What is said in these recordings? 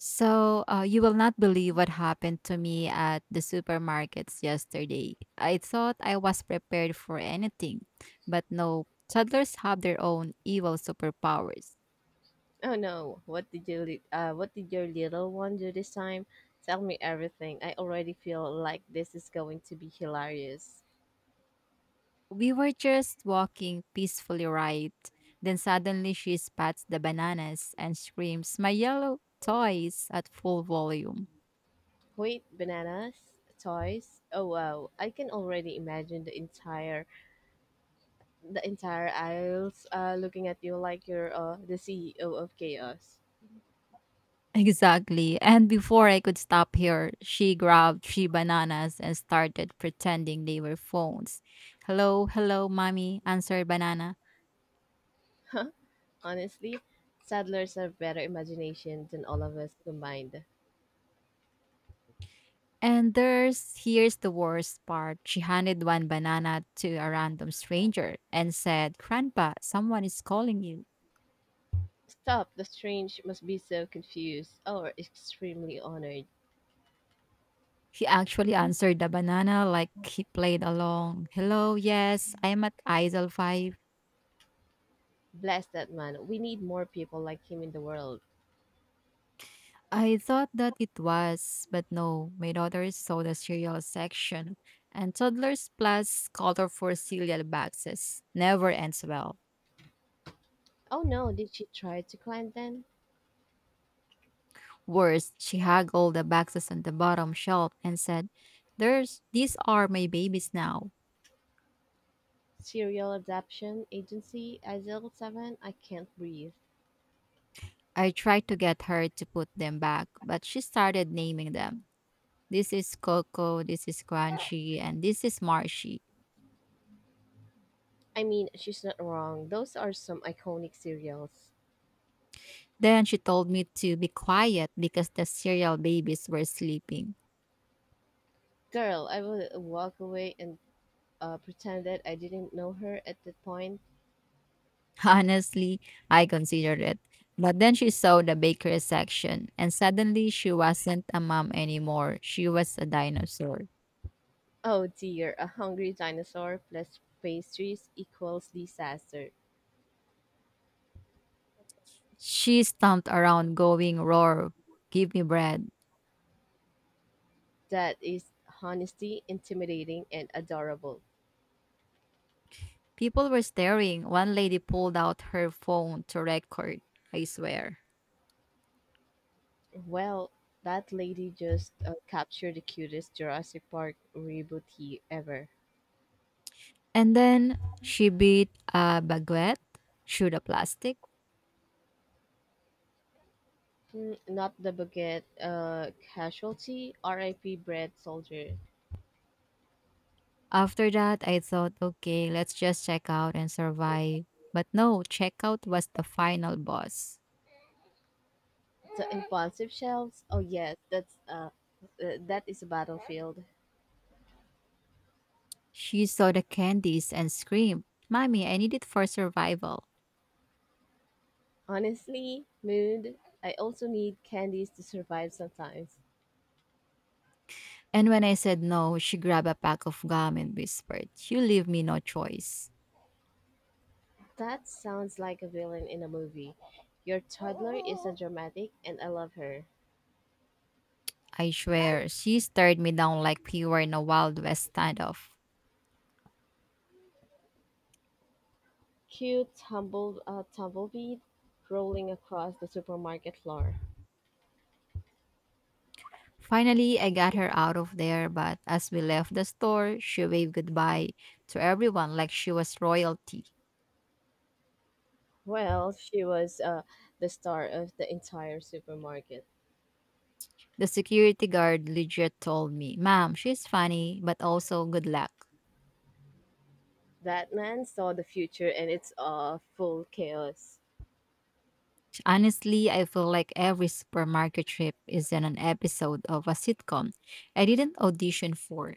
You will not believe what happened to me at the supermarkets yesterday. I thought I was prepared for anything, but no, toddlers have their own evil superpowers. Oh no, what did what did your little one do this time? Tell me everything. I already feel like this is going to be hilarious. We were just walking peacefully, right. Then suddenly she spats the bananas and screams, My yellow toys, at full volume. Wait, bananas, toys. Oh wow, I can already imagine the entire aisles looking at you like you're the CEO of chaos. Exactly. And before I could stop her, she grabbed three bananas and started pretending they were phones. Hello, hello, mommy, answered Banana. Huh? Honestly, saddlers have better imagination than all of us combined. And there's Here's the worst part. She handed one banana to a random stranger and said, Grandpa, someone is calling you. Stop, the strange must be so confused or extremely honored. He actually answered the banana like he played along. Hello, yes, I'm at ISIL 5." Bless that man. We need more people like him in the world. I thought that it was, but no, my daughter saw the cereal section, and toddlers plus colorful cereal boxes never ends well. Oh no, did she try to climb then? Worse, she haggled the boxes on the bottom shelf and said, There's These are my babies now. Serial Adoption Agency, Isle 7, I can't breathe. I tried to get her to put them back, but she started naming them. This is Coco, this is Crunchy, and this is Marshy. I mean, she's not wrong. Those are some iconic serials. Then she told me to be quiet because the cereal babies were sleeping. Girl, I would walk away and pretend that I didn't know her at that point. Honestly, I considered it. But then she saw the bakery section, and suddenly she wasn't a mom anymore. She was a dinosaur. Oh dear, a hungry dinosaur plus pastries equals disaster. She stomped around, going, Roar, give me bread. That is honesty, intimidating, and adorable. People were staring. One lady pulled out her phone to record, I swear. Well, that lady just captured the cutest Jurassic Park rebootee ever. And then she beat a baguette through the plastic. Mm, not the baguette casualty, RIP bread soldier. After that, I thought, okay, let's just check out and survive. But no, checkout was the final boss. The impulsive shells, oh yes, that is a battlefield. She saw the candies and screamed, Mommy, I need it for survival. Honestly, mood, I also need candies to survive sometimes. And when I said no, she grabbed a pack of gum and whispered, You leave me no choice. That sounds like a villain in a movie. Your toddler is a dramatic and I love her. I swear, she stared me down like we were in a Wild West standoff. Cute tumbleweed rolling across the supermarket floor. Finally, I got her out of there, but as we left the store, she waved goodbye to everyone like she was royalty. Well, she was the star of the entire supermarket. The security guard legit told me, Ma'am, she's funny, but also good luck. That man saw the future and it's full chaos. Honestly, I feel like every supermarket trip is in an episode of a sitcom I didn't audition for.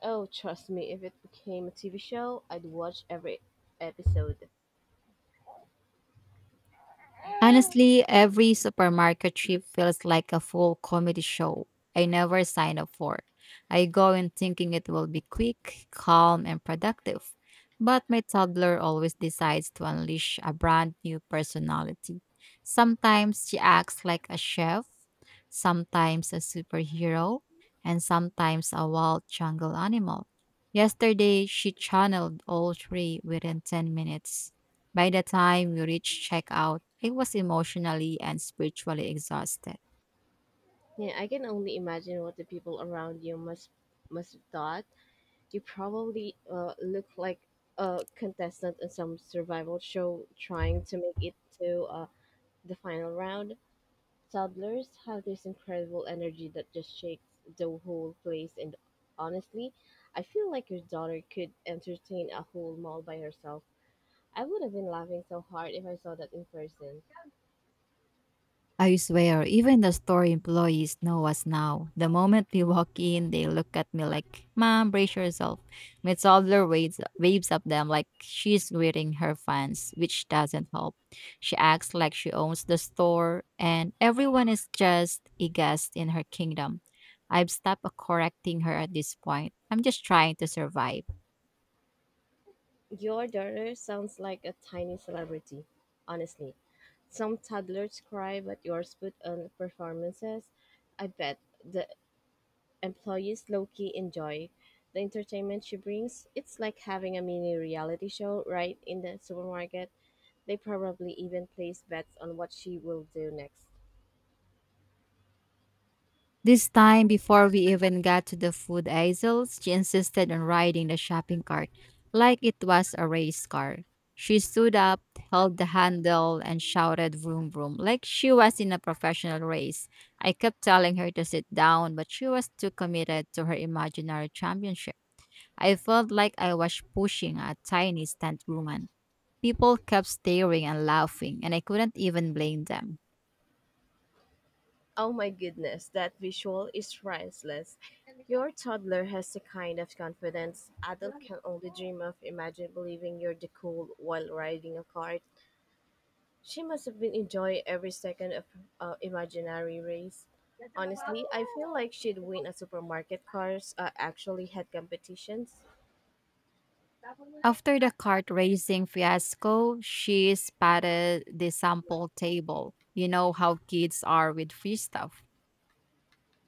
Oh, trust me, if it became a TV show, I'd watch every episode. Honestly, every supermarket trip feels like a full comedy show I never sign up for. I go in thinking it will be quick, calm, and productive, but my toddler always decides to unleash a brand new personality. Sometimes she acts like a chef, sometimes a superhero, and sometimes a wild jungle animal. Yesterday, she channeled all three within 10 minutes. By the time we reached checkout, I was emotionally and spiritually exhausted. Yeah, I can only imagine what the people around you must have thought. You probably look like a contestant in some survival show trying to make it to the final round. Toddlers have this incredible energy that just shakes the whole place, and honestly, I feel like your daughter could entertain a whole mall by herself. I would have been laughing so hard if I saw that in person. I swear, even the store employees know us now. The moment we walk in, they look at me like, Mom, brace yourself. My toddler waves at them like she's greeting her fans, which doesn't help. She acts like she owns the store, and everyone is just a guest in her kingdom. I've stopped correcting her at this point. I'm just trying to survive. Your daughter sounds like a tiny celebrity, honestly. Some toddlers cry, but yours put on performances. I bet the employees low key enjoy the entertainment she brings. It's like having a mini reality show right in the supermarket. They probably even place bets on what she will do next. This time, before we even got to the food aisles, she insisted on riding the shopping cart like it was a race car. She stood up, held the handle, and shouted vroom vroom like she was in a professional race. I kept telling her to sit down, but she was too committed to her imaginary championship. I felt like I was pushing a tiny stunt woman. People kept staring and laughing, and I couldn't even blame them. Oh my goodness, that visual is priceless. Your toddler has the kind of confidence adult can only dream of. Imagine believing you're the cool while riding a cart. She must have been enjoying every second of imaginary race. Honestly, I feel like she'd win a supermarket cars actually had competitions. After the cart racing fiasco, she spotted the sample table. You know how kids are with free stuff.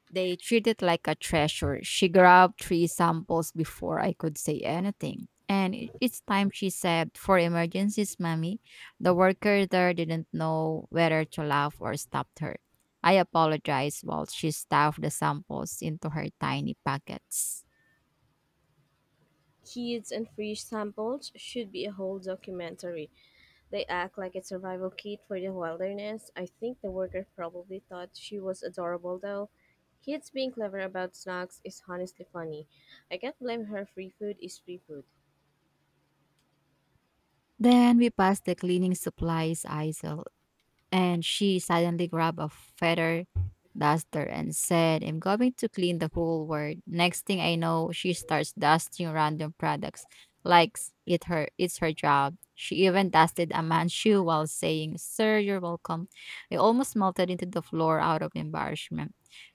They treat it like a treasure. She grabbed three samples before I could say anything. And each time she said, for emergencies, mommy, the worker there didn't know whether to laugh or stopped her. I apologized while she stuffed the samples into her tiny pockets. Kids and free samples should be a whole documentary. They act like a survival kit for the wilderness. I think the worker probably thought she was adorable though. Kids being clever about snacks is honestly funny. I can't blame her free food is free food. Then we passed the cleaning supplies aisle, and she suddenly grabbed a feather duster and said, I'm going to clean the whole world. Next thing I know, she starts dusting random products like it's her job. She even dusted a man's shoe while saying, Sir, you're welcome. I almost melted into the floor out of embarrassment.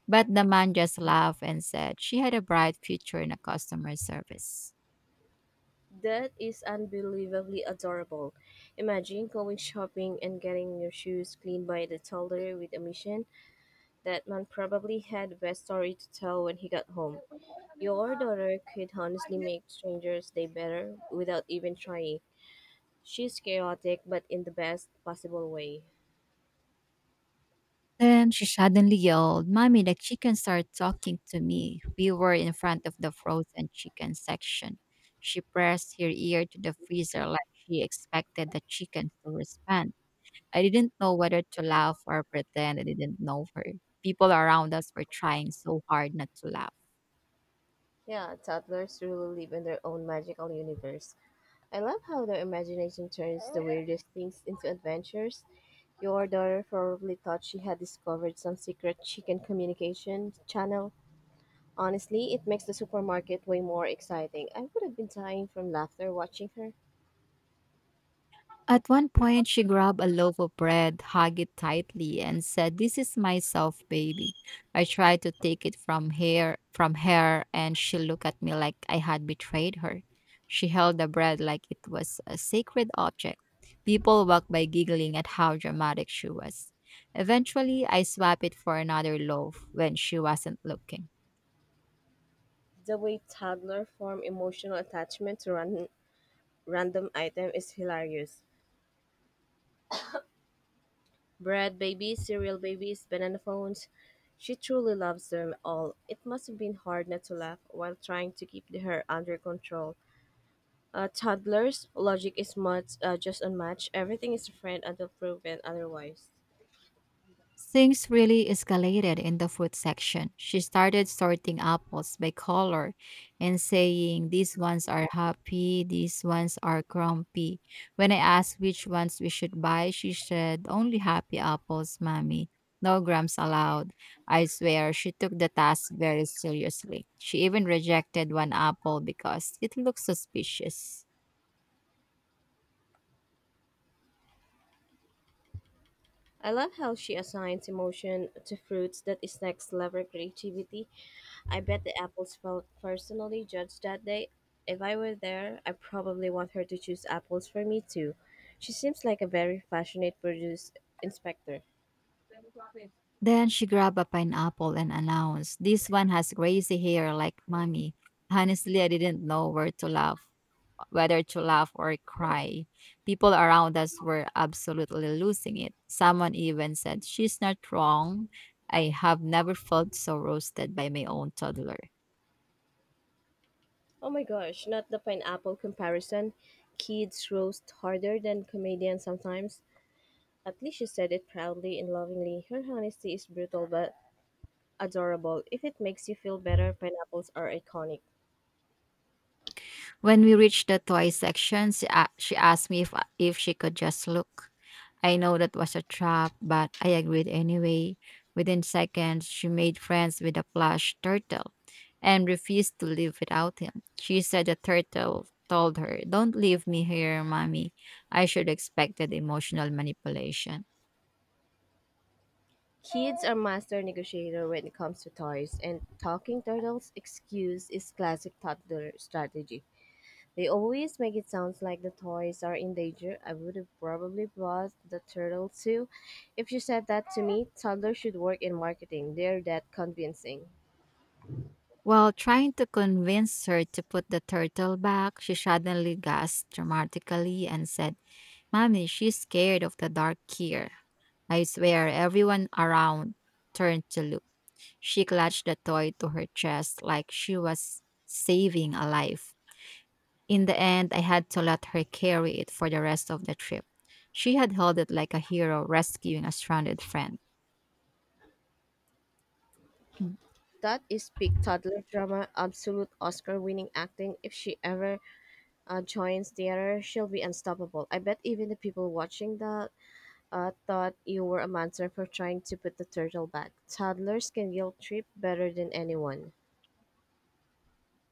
But the man just laughed and said she had a bright future in a customer service. That is unbelievably adorable. Imagine going shopping and getting your shoes cleaned by the toddler with a mission. That man probably had the best story to tell when he got home. Your daughter could honestly make strangers' day better without even trying. She's chaotic, but in the best possible way. Then she suddenly yelled, Mommy, the chicken started talking to me. We were in front of the frozen chicken section. She pressed her ear to the freezer like she expected the chickens to respond. I didn't know whether to laugh or pretend I didn't know her. People around us were trying so hard not to laugh. Yeah, toddlers truly live in their own magical universe. I love how their imagination turns the weirdest things into adventures. Your daughter probably thought she had discovered some secret chicken communication channel. Honestly, it makes the supermarket way more exciting. I would have been dying from laughter watching her. At one point, she grabbed a loaf of bread, hugged it tightly, and said, "This is my myself, baby." I tried to take it from her, and she looked at me like I had betrayed her. She held the bread like it was a sacred object. People walked by giggling at how dramatic she was. Eventually, I swapped it for another loaf when she wasn't looking. The way toddlers form emotional attachment to random item is hilarious. Bread babies, cereal babies, banana phones. She truly loves them all. It must have been hard not to laugh while trying to keep the hair under control. Toddlers, logic is much, just unmatched. Everything is a friend until proven otherwise. Things really escalated in the food section. She started sorting apples by color and saying, These ones are happy, these ones are grumpy. When I asked which ones we should buy, she said, Only happy apples, mommy. No grams allowed. I swear, she took the task very seriously. She even rejected one apple because it looked suspicious. I love how she assigns emotion to fruits that is next level creativity. I bet the apples felt personally judged that day. If I were there, I probably want her to choose apples for me too. She seems like a very passionate produce inspector. Then she grabbed a pineapple and announced, This one has crazy hair like mommy. Honestly, I didn't know where to laugh, whether to laugh or cry. People around us were absolutely losing it. Someone even said, She's not wrong. I have never felt so roasted by my own toddler. Oh my gosh, not the pineapple comparison. Kids roast harder than comedians sometimes. At least she said it proudly and lovingly. Her honesty is brutal but adorable. If it makes you feel better, pineapples are iconic. When we reached the toy section, she asked me if she could just look. I know that was a trap, but I agreed anyway. Within seconds, she made friends with a plush turtle and refused to live without him. She said the turtle told her, Don't leave me here, mommy. I should expected emotional manipulation. Kids are master negotiator when it comes to toys, and talking turtles excuse is classic toddler strategy. They always make it sound like the toys are in danger. I would have probably bought the turtle too. If you said that to me, toddlers should work in marketing. They're that convincing. While trying to convince her to put the turtle back, she suddenly gasped dramatically and said, Mommy, she's scared of the dark here. I swear everyone around turned to look. She clutched the toy to her chest like she was saving a life. In the end, I had to let her carry it for the rest of the trip. She had held it like a hero rescuing a stranded friend. That is peak toddler drama, absolute Oscar winning acting. If she ever joins theater, she'll be unstoppable. I bet even the people watching that thought you were a monster for trying to put the turtle back. Toddlers can guilt trip better than anyone.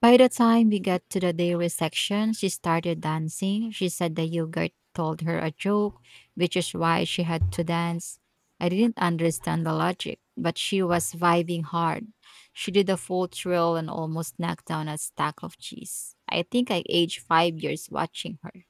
By the time we got to the dairy section, she started dancing. She said the yogurt told her a joke, which is why she had to dance. I didn't understand the logic, but she was vibing hard. She did a full trill and almost knocked down a stack of cheese. I think I aged 5 years watching her.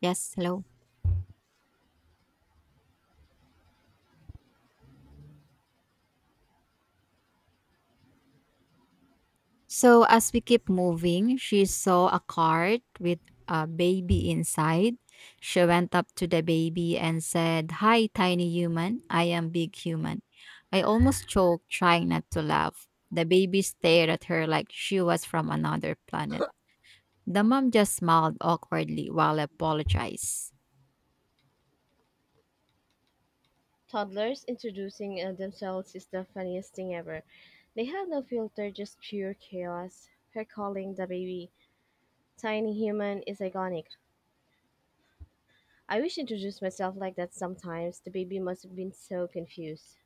Yes, hello. So as we keep moving, she saw a cart with a baby inside. She went up to the baby and said, Hi, tiny human. I am big human. I almost choked trying not to laugh. The baby stared at her like she was from another planet. The mom just smiled awkwardly while I apologized. Toddlers introducing themselves is the funniest thing ever. They have no filter, just pure chaos. Her calling the baby tiny human is iconic. I wish I introduced myself like that sometimes. The baby must have been so confused.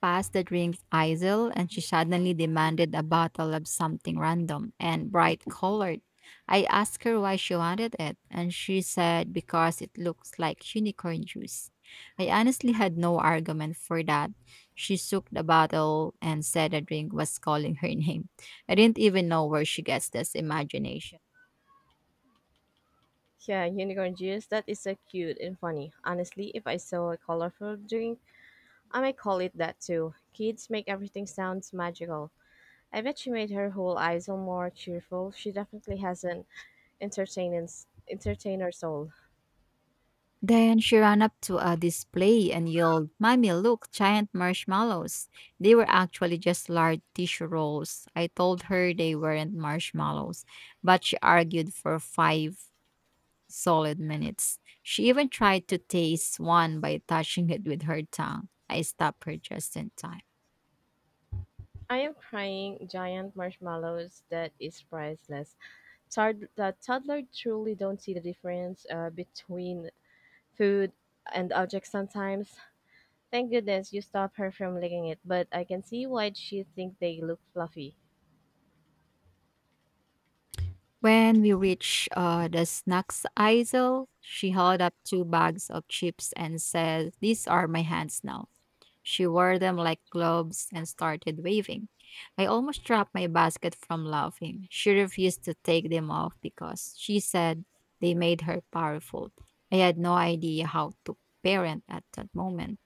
Passed the drinks aisle and she suddenly demanded a bottle of something random and bright colored. I asked her why she wanted it, and she said because it looks like unicorn juice. I honestly had no argument for that. She shook the bottle and said the drink was calling her name. I didn't even know where she gets this imagination. Yeah, unicorn juice, that is so cute and funny. Honestly, if I saw a colorful drink, I might call it that too. Kids make everything sounds magical. I bet she made her whole aisle more cheerful. She definitely has an entertainer's entertainer soul. Then she ran up to a display and yelled, Mommy, look, giant marshmallows. They were actually just large tissue rolls. I told her they weren't marshmallows, but she argued for five solid minutes. She even tried to taste one by touching it with her tongue. I stopped her just in time. I am crying giant marshmallows that is priceless. The toddler truly don't see the difference between food and objects sometimes. Thank goodness you stop her from licking it, but I can see why she think they look fluffy. When we reached the snacks aisle, she held up two bags of chips and said, These are my hands now. She wore them like gloves and started waving. I almost dropped my basket from laughing. She refused to take them off because she said they made her powerful. I had no idea how to parent at that moment.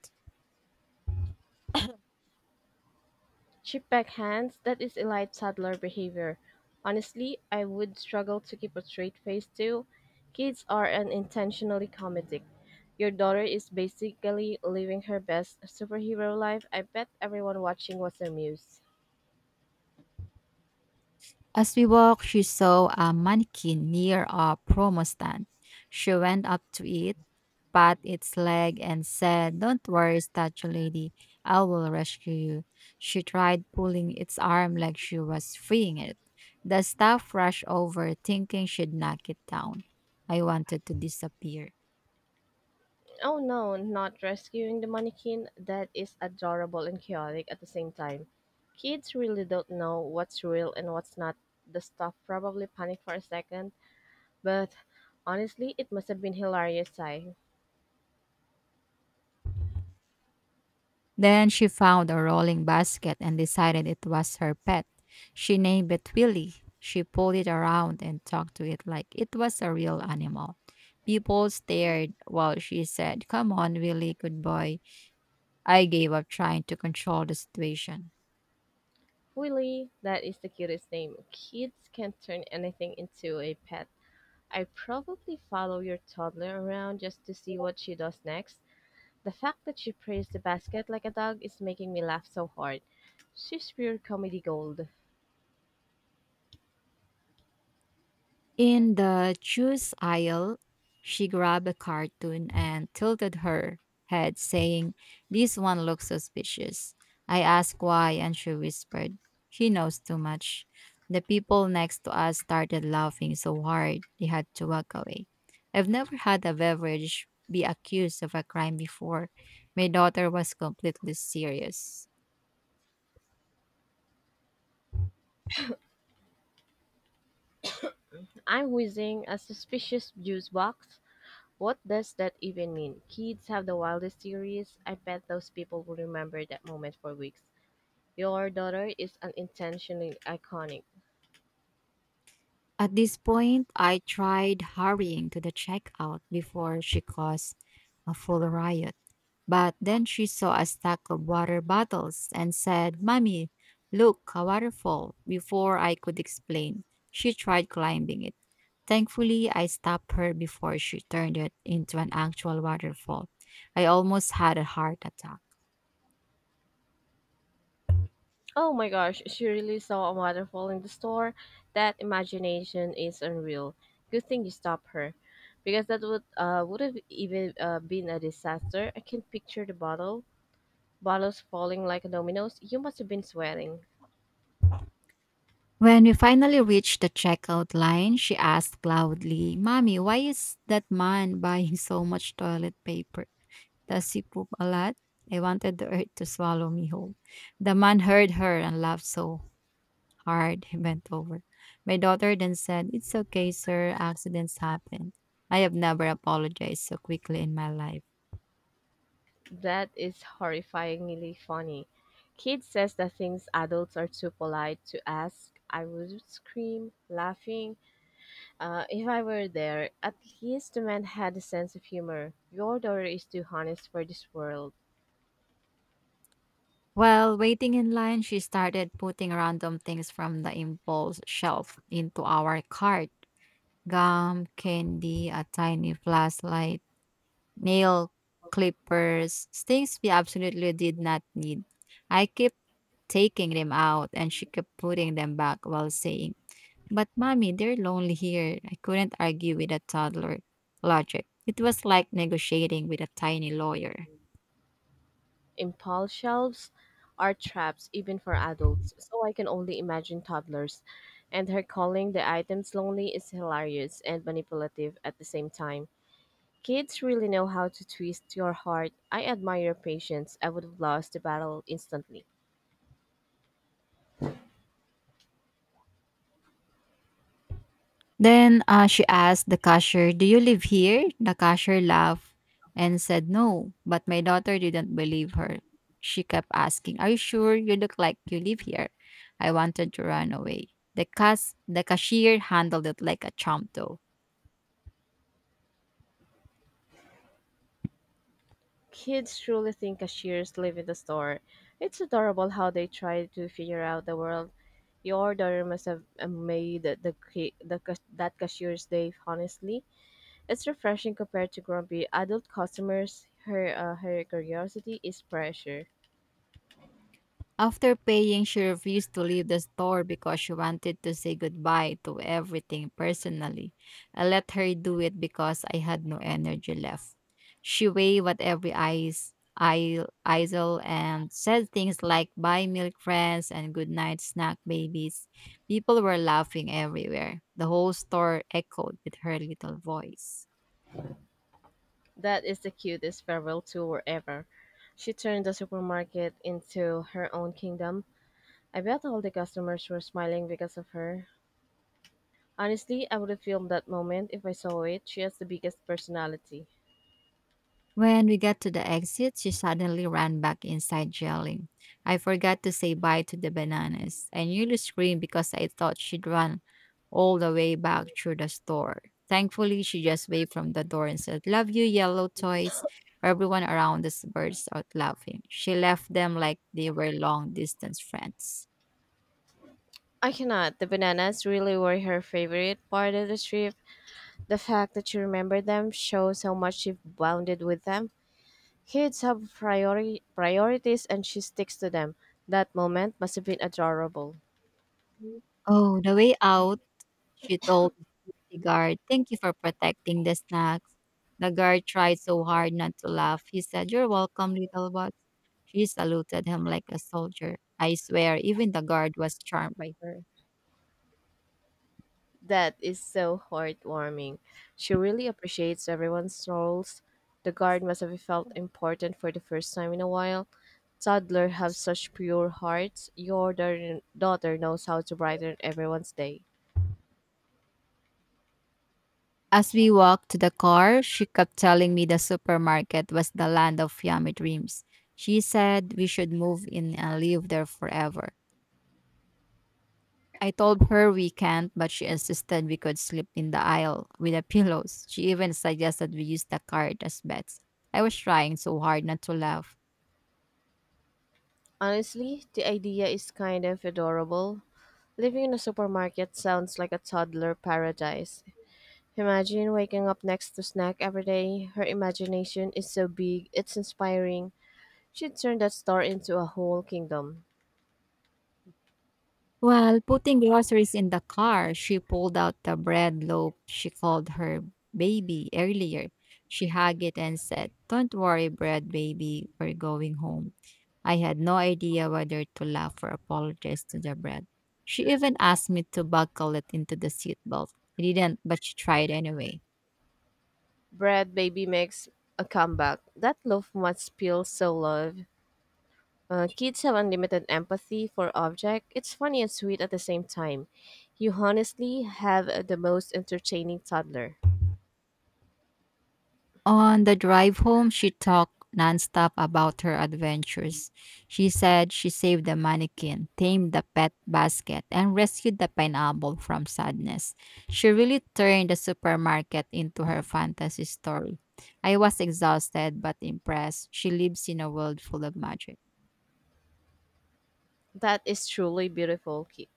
Chipback hands, that is elite toddler behavior. Honestly, I would struggle to keep a straight face too. Kids are unintentionally comedic. Your daughter is basically living her best superhero life. I bet everyone watching was amused. As we walked, she saw a mannequin near a promo stand. She went up to it, pat its leg and said, Don't worry, statue lady, I will rescue you. She tried pulling its arm like she was freeing it. The staff rushed over, thinking she'd knock it down. I wanted to disappear. Oh no, not rescuing the mannequin. That is adorable and chaotic at the same time. Kids really don't know what's real and what's not. The staff probably panicked for a second, but honestly, it must have been hilarious, I. Then she found a rolling basket and decided it was her pet. She named it Willy. She pulled it around and talked to it like it was a real animal. People stared while she said, Come on, Willy, good boy. I gave up trying to control the situation. Willy, that is the cutest name. Kids can turn anything into a pet. I probably follow your toddler around just to see what she does next. The fact that she praised the basket like a dog is making me laugh so hard. She's pure comedy gold. In the juice aisle, she grabbed a cartoon and tilted her head, saying, This one looks suspicious. I asked why, and she whispered, She knows too much. The people next to us started laughing so hard they had to walk away. I've never had a beverage be accused of a crime before. My daughter was completely serious. I'm whizzing a suspicious juice box. What does that even mean? Kids have the wildest theories. I bet those people will remember that moment for weeks. Your daughter is unintentionally iconic. At this point, I tried hurrying to the checkout before she caused a full riot. But then she saw a stack of water bottles and said, "Mommy, look, a waterfall." Before I could explain, she tried climbing it. Thankfully, I stopped her before she turned it into an actual waterfall. I almost had a heart attack. Oh my gosh, she really saw a waterfall in the store. That imagination is unreal. Good thing you stopped her, because that would have even been a disaster. I can picture the bottles falling like dominoes. You must have been sweating. When we finally reached the checkout line, she asked loudly, "Mommy, why is that man buying so much toilet paper? Does he poop a lot?" I wanted the earth to swallow me whole. The man heard her and laughed so hard he bent over. My daughter then said, "It's okay, sir. Accidents happen." I have never apologized so quickly in my life. That is horrifyingly funny. Kid says that things adults are too polite to ask. I would scream, laughing. If I were there, at least the man had a sense of humor. Your daughter is too honest for this world. While waiting in line, she started putting random things from the impulse shelf into our cart: gum, candy, a tiny flashlight, nail clippers, things we absolutely did not need. I kept taking them out and she kept putting them back while saying, "But mommy, they're lonely here." I couldn't argue with a toddler logic. It was like negotiating with a tiny lawyer. Impulse shelves are traps even for adults, so I can only imagine toddlers. And her calling the items lonely is hilarious and manipulative at the same time. Kids really know how to twist your heart. I admire your patience. I would have lost the battle instantly. Then, she asked the cashier, "Do you live here?" The cashier laughed and said no, but my daughter didn't believe her. She kept asking, "Are you sure? You look like you live here." I wanted to run away. The cashier handled it like a chump, though. Kids truly think cashiers live in the store. It's adorable how they try to figure out the world. Your daughter must have made the, ca- the cas- that cashier's day, honestly. It's refreshing compared to grumpy adult customers. Her curiosity is pressure. After paying, she refused to leave the store because she wanted to say goodbye to everything personally. I let her do it because I had no energy left. She waved at every eisel and said things like "buy milk, friends" and "good night, snack babies." People were laughing everywhere. The whole store echoed with her little voice. That is the cutest farewell tour ever. She turned the supermarket into her own kingdom. I bet all the customers were smiling because of her. Honestly, I would have filmed that moment if I saw it. She has the biggest personality. When we got to the exit, she suddenly ran back inside yelling, "I forgot to say bye to the bananas." I nearly screamed because I thought she'd run all the way back through the store. Thankfully, she just waved from the door and said, "Love you, yellow toys." Everyone around us burst out laughing. She left them like they were long distance friends. I cannot. The bananas really were her favorite part of the trip. The fact that she remembered them shows how much she bonded with them. Kids have priorities and she sticks to them. That moment must have been adorable. Oh, the way out, she told the security guard, "Thank you for protecting the snacks." The guard tried so hard not to laugh. He said, "You're welcome, little boss." She saluted him like a soldier. I swear, even the guard was charmed by her. That is so heartwarming. She really appreciates everyone's roles. The guard must have felt important for the first time in a while. Toddler have such pure hearts. Your daughter knows how to brighten everyone's day. As we walked to the car, she kept telling me the supermarket was the land of yummy dreams. She said we should move in and live there forever. I told her we can't, but she insisted we could sleep in the aisle with the pillows. She even suggested we use the cart as beds. I was trying so hard not to laugh. Honestly, the idea is kind of adorable. Living in a supermarket sounds like a toddler paradise. Imagine waking up next to snack every day. Her imagination is so big, it's inspiring. She'd turn that store into a whole kingdom. While putting groceries in the car, she pulled out the bread loaf she called her baby earlier. She hugged it and said, "Don't worry, bread baby, we're going home." I had no idea whether to laugh or apologize to the bread. She even asked me to buckle it into the seatbelt. I didn't, but she tried anyway. Bread Baby makes a comeback. That loaf must feel so loved. Kids have unlimited empathy for object. It's funny and sweet at the same time. You honestly have the most entertaining toddler. On the drive home, she talked nonstop about her adventures. She said she saved the mannequin, tamed the pet basket, and rescued the pineapple from sadness. She really turned the supermarket into her fantasy story. I was exhausted but impressed. She lives in a world full of magic. That is truly beautiful, Kid.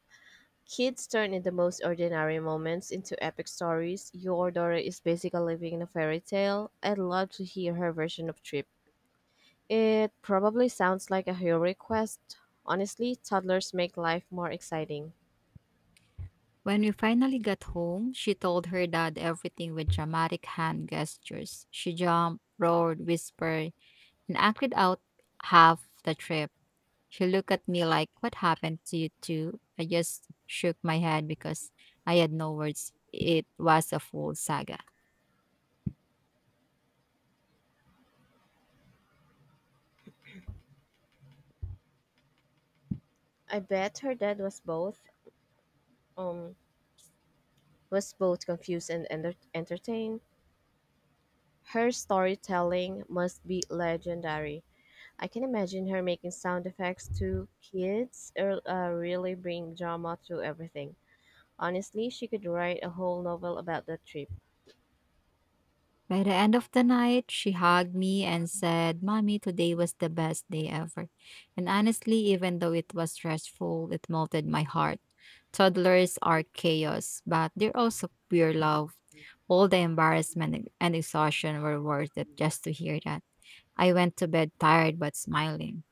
Kids turn in the most ordinary moments into epic stories. Your daughter is basically living in a fairy tale. I'd love to hear her version of Trip. It probably sounds like a heroic quest. Honestly, toddlers make life more exciting. When we finally got home, she told her dad everything with dramatic hand gestures. She jumped, roared, whispered, and acted out half the trip. She looked at me like, "What happened to you two?" I just shook my head because I had no words. It was a full saga. I bet her dad was um both confused and entertained. Her storytelling must be legendary. I can imagine her making sound effects to kids or really bring drama to everything. Honestly, she could write a whole novel about that trip. By the end of the night, she hugged me and said, "Mommy, today was the best day ever." And honestly, even though it was stressful, it melted my heart. Toddlers are chaos, but they're also pure love. All the embarrassment and exhaustion were worth it just to hear that. I went to bed tired but smiling.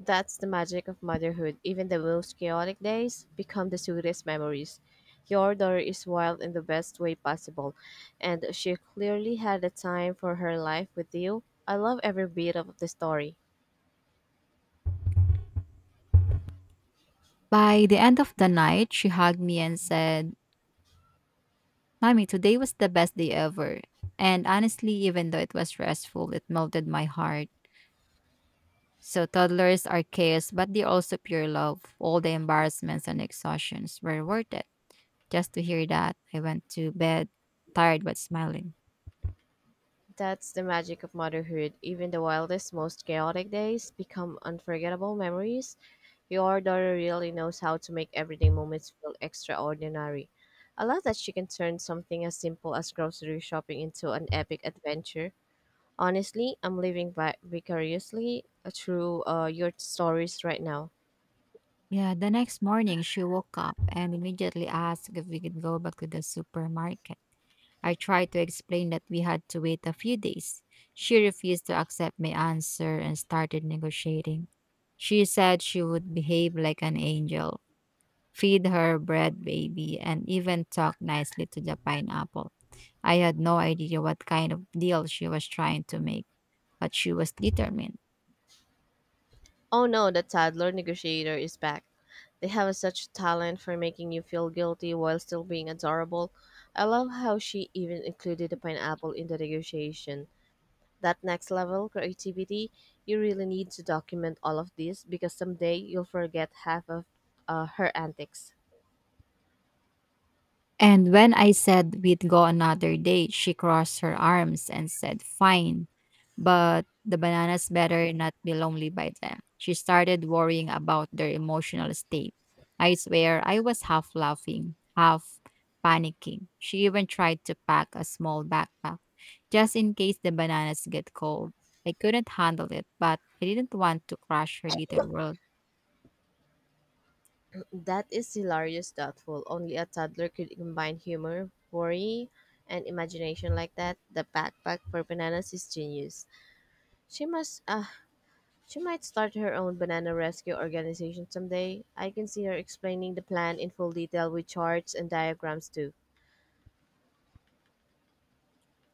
That's the magic of motherhood. Even the most chaotic days become the sweetest memories. Your daughter is wild in the best way possible, and she clearly had a time for her life with you. I love every bit of the story. By the end of the night, she hugged me and said, "Mommy, today was the best day ever." And honestly, even though it was stressful, it melted my heart. So toddlers are chaos, but they also pure love. All the embarrassments and exhaustions were worth it. Just to hear that, I went to bed, tired but smiling. That's the magic of motherhood. Even the wildest, most chaotic days become unforgettable memories. Your daughter really knows how to make everyday moments feel extraordinary. I love that she can turn something as simple as grocery shopping into an epic adventure. Honestly, I'm living vicariously through your stories right now. Yeah, the next morning she woke up and immediately asked if we could go back to the supermarket. I tried to explain that we had to wait a few days. She refused to accept my answer and started negotiating. She said she would behave like an angel, feed her bread baby, and even talk nicely to the pineapple. I had no idea what kind of deal she was trying to make, but she was determined. Oh no, the toddler negotiator is back. They have such talent for making you feel guilty while still being adorable. I love how she even included the pineapple in the negotiation. That next level creativity, you really need to document all of this because someday you'll forget half of her antics. And when I said we'd go another day, she crossed her arms and said, "Fine, but the bananas better not be lonely by then." She started worrying about their emotional state. I swear I was half laughing, half panicking. She even tried to pack a small backpack just in case the bananas get cold. I couldn't handle it, but I didn't want to crush her little world. That is hilarious, thoughtful. Only a toddler could combine humor, worry, and imagination like that. The backpack for bananas is genius. She must she might start her own banana rescue organization someday. I can see her explaining the plan in full detail with charts and diagrams too.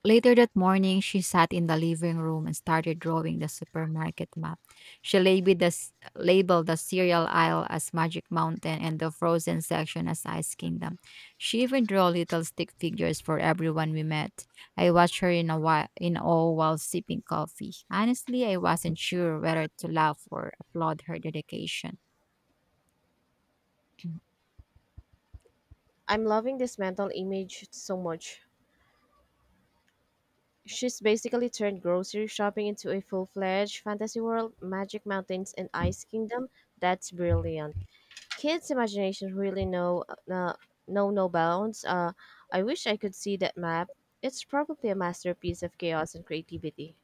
Later that morning, she sat in the living room and started drawing the supermarket map. She labeled the cereal aisle as Magic Mountain and the frozen section as Ice Kingdom. She even drew little stick figures for everyone we met. I watched her in a while, in awe, while sipping coffee. Honestly, I wasn't sure whether to laugh or applaud her dedication. I'm loving this mental image so much. She's basically turned grocery shopping into a full fledged fantasy world, magic mountains, and ice kingdom. That's brilliant. Kids' imaginations really uh, know no bounds. I wish I could see that map. It's probably a masterpiece of chaos and creativity.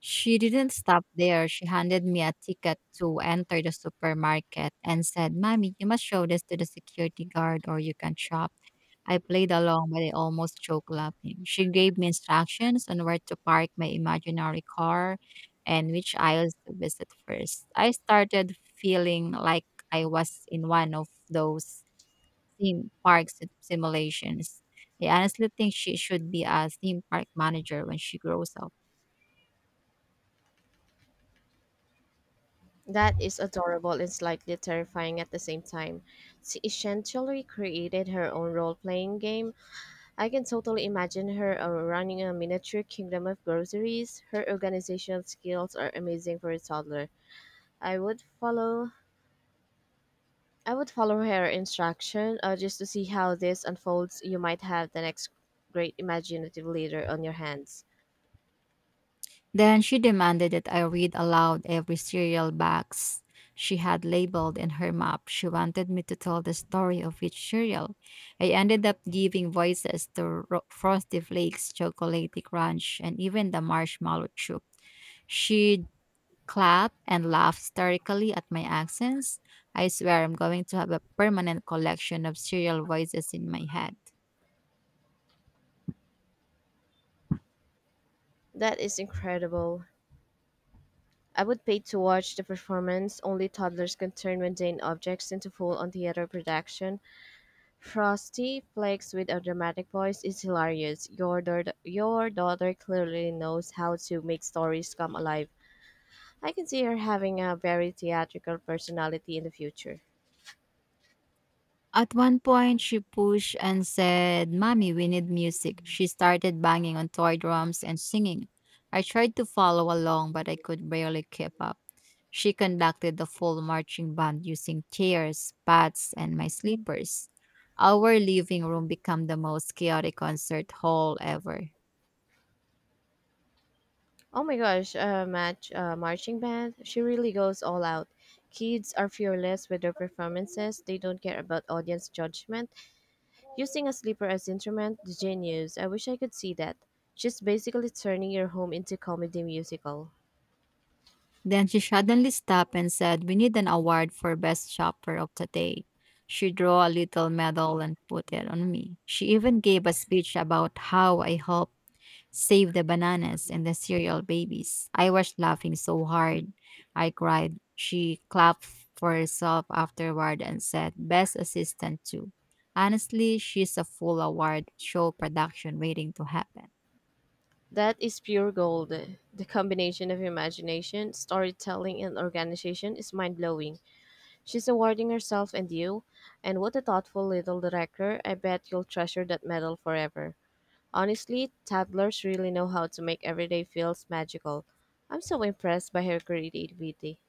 She didn't stop there. She handed me a ticket to enter the supermarket and said, "Mommy, you must show this to the security guard or you can shop." I played along, but I almost choked laughing. She gave me instructions on where to park my imaginary car and which aisles to visit first. I started feeling like I was in one of those simulations. I honestly think she should be a theme park manager when she grows up. That is adorable and slightly terrifying at the same time. She essentially created her own role playing game. I can totally imagine her running a miniature kingdom of groceries. Her organizational skills are amazing for a toddler. I would follow I would follow her instruction just to see how this unfolds. You might have the next great imaginative leader on your hands. Then she demanded that I read aloud every cereal box she had labeled in her map. She wanted me to tell the story of each cereal. I ended up giving voices to Frosty Flakes, Chocolate Crunch, and even the marshmallow chip. She'd clap and laugh hysterically at my accents. I swear I'm going to have a permanent collection of cereal voices in my head. That is incredible. I would pay to watch the performance. Only toddlers can turn mundane objects into full-on theater production. Frosty Flakes with a dramatic voice is hilarious. Your daughter clearly knows how to make stories come alive. I can see her having a very theatrical personality in the future. At one point, she pushed and said, "Mommy, we need music." She started banging on toy drums and singing. I tried to follow along, but I could barely keep up. She conducted the full marching band using chairs, pads, and my slippers. Our living room became the most chaotic concert hall ever. Oh my gosh, match marching band. She really goes all out. Kids are fearless with their performances. They don't care about audience judgment. Using a sleeper as instrument, genius. I wish I could see that. She's basically turning your home into comedy musical. Then she suddenly stopped and said, "We need an award for best shopper of the day." She drew a little medal and put it on me. She even gave a speech about how I helped save the bananas and the cereal babies. I was laughing so hard I cried. She clapped for herself afterward and said, "Best assistant, too." Honestly, she's a full award show production waiting to happen. That is pure gold. The combination of imagination, storytelling, and organization is mind blowing. She's awarding herself and you, and what a thoughtful little director. I bet you'll treasure that medal forever. Honestly, toddlers really know how to make everyday feels magical. I'm so impressed by her creativity.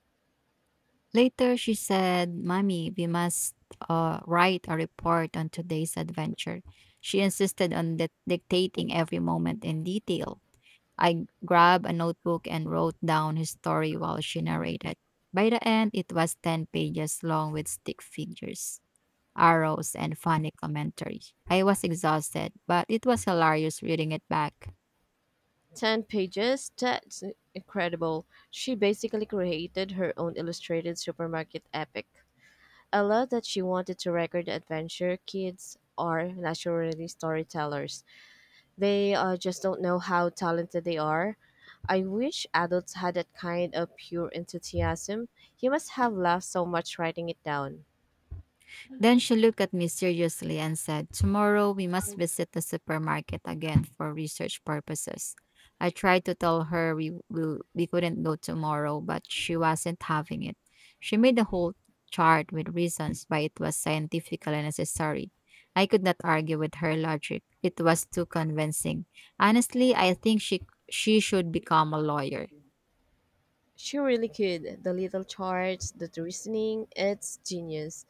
Later, she said, Mommy, we must write a report on today's adventure. She insisted on dictating every moment in detail. I grabbed a notebook and wrote down his story while she narrated. By the end, it was 10 pages long with stick figures, arrows, and funny commentary. I was exhausted, but it was hilarious reading it back. 10 pages? That's incredible. She basically created her own illustrated supermarket epic. I love that she wanted to record adventure, kids are naturally storytellers. They just don't know how talented they are. I wish adults had that kind of pure enthusiasm. You must have laughed so much writing it down. Then she looked at me seriously and said, "Tomorrow we must visit the supermarket again for research purposes." I tried to tell her we couldn't go tomorrow, but she wasn't having it. She made a whole chart with reasons why it was scientifically necessary. I could not argue with her logic. It was too convincing. Honestly, I think she should become a lawyer. She really could. The little charts, the reasoning, it's genius.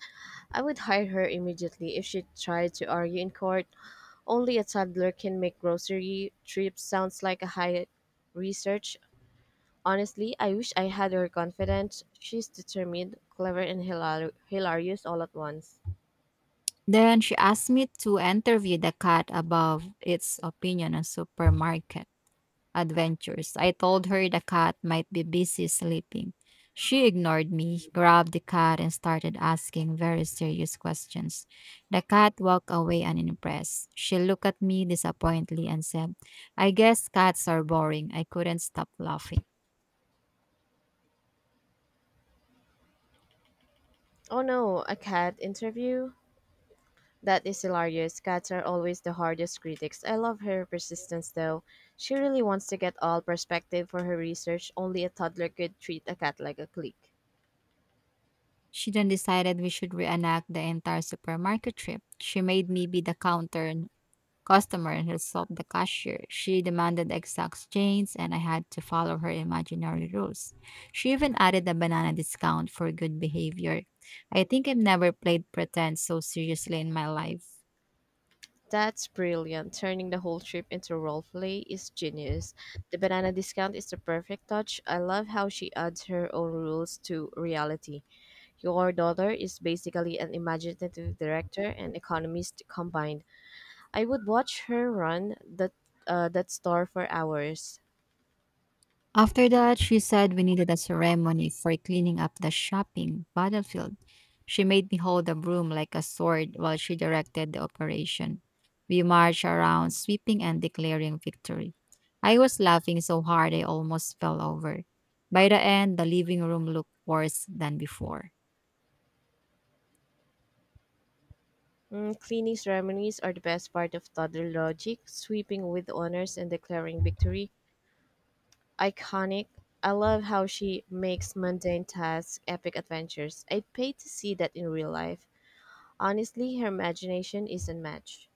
I would hire her immediately if she tried to argue in court. Only a toddler can make grocery trips sounds like a high research. Honestly, I wish I had her confidence. She's determined, clever, and hilarious all at once. Then she asked me to interview the cat above its opinion on supermarket adventures. I told her the cat might be busy sleeping. She ignored me, grabbed the cat, and started asking very serious questions. The cat walked away unimpressed. She looked at me disappointedly and said, "I guess cats are boring." I couldn't stop laughing. Oh no, a cat interview? That is hilarious. Cats are always the hardest critics. I love her persistence though. She really wants to get all perspective for her research. Only a toddler could treat a cat like a clique. She then decided we should reenact the entire supermarket trip. She made me be the counter customer and herself the cashier. She demanded exact change, and I had to follow her imaginary rules. She even added a banana discount for good behavior. I think I've never played pretend so seriously in my life. That's brilliant. Turning the whole trip into roleplay is genius. The banana discount is the perfect touch. I love how she adds her own rules to reality. Your daughter is basically an imaginative director and economist combined. I would watch her run that that store for hours. After that, she said we needed a ceremony for cleaning up the shopping battlefield. She made me hold a broom like a sword while she directed the operation. We marched around, sweeping and declaring victory. I was laughing so hard I almost fell over. By the end, the living room looked worse than before. Mm, cleaning ceremonies are the best part of toddler logic, sweeping with honors and declaring victory, iconic. I love how she makes mundane tasks epic adventures. I'd pay to see that in real life. Honestly, her imagination is unmatched.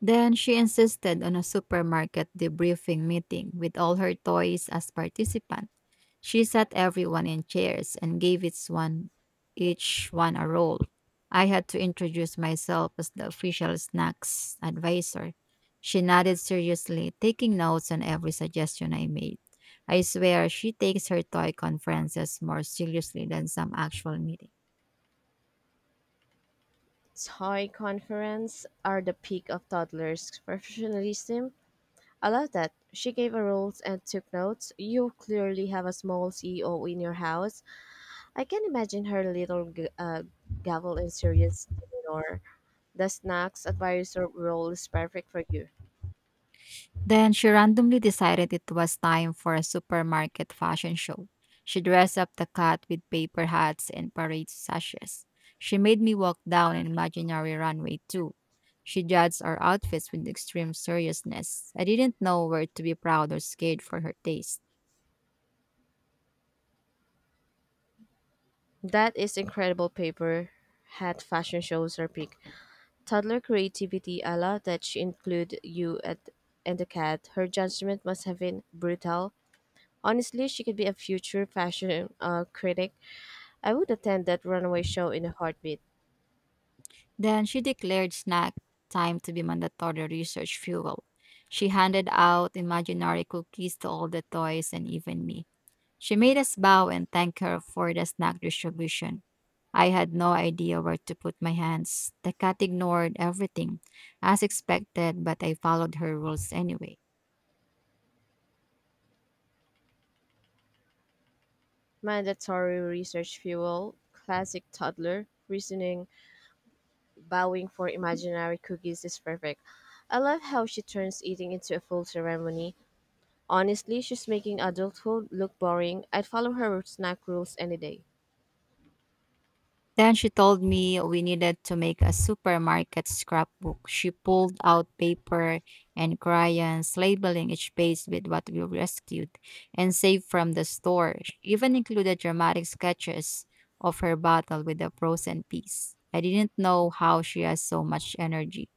Then she insisted on a supermarket debriefing meeting with all her toys as participants. She sat everyone in chairs and gave each one a roll. I had to introduce myself as the official snacks advisor. She nodded seriously, taking notes on every suggestion I made. I swear she takes her toy conferences more seriously than some actual meeting. Toy conference are the peak of toddlers' professionalism. I love that. She gave her rules and took notes. You clearly have a small CEO in your house. I can imagine her little gavel and serious demeanor. The snacks advisor role is perfect for you. Then she randomly decided it was time for a supermarket fashion show. She dressed up the cat with paper hats and parade sashes. She made me walk down an imaginary runway too. She judged our outfits with extreme seriousness. I didn't know where to be proud or scared for her taste. That is incredible, paper hat fashion shows her peak. Toddler creativity, I love that she include you at and the cat. Her judgment must have been brutal. Honestly, she could be a future fashion critic. I would attend that runaway show in a heartbeat. Then she declared snack time to be mandatory research fuel. She handed out imaginary cookies to all the toys and even me. She made us bow and thank her for the snack distribution. I had no idea where to put my hands. The cat ignored everything, as expected, but I followed her rules anyway. Mandatory research fuel, classic toddler reasoning, bowing for imaginary cookies is perfect. I love how she turns eating into a full ceremony. Honestly, she's making adulthood look boring. I'd follow her snack rules any day. Then she told me we needed to make a supermarket scrapbook. She pulled out paper and crayons, labeling each page with what we rescued and saved from the store. She even included dramatic sketches of her battle with the frozen peas. I didn't know how she has so much energy.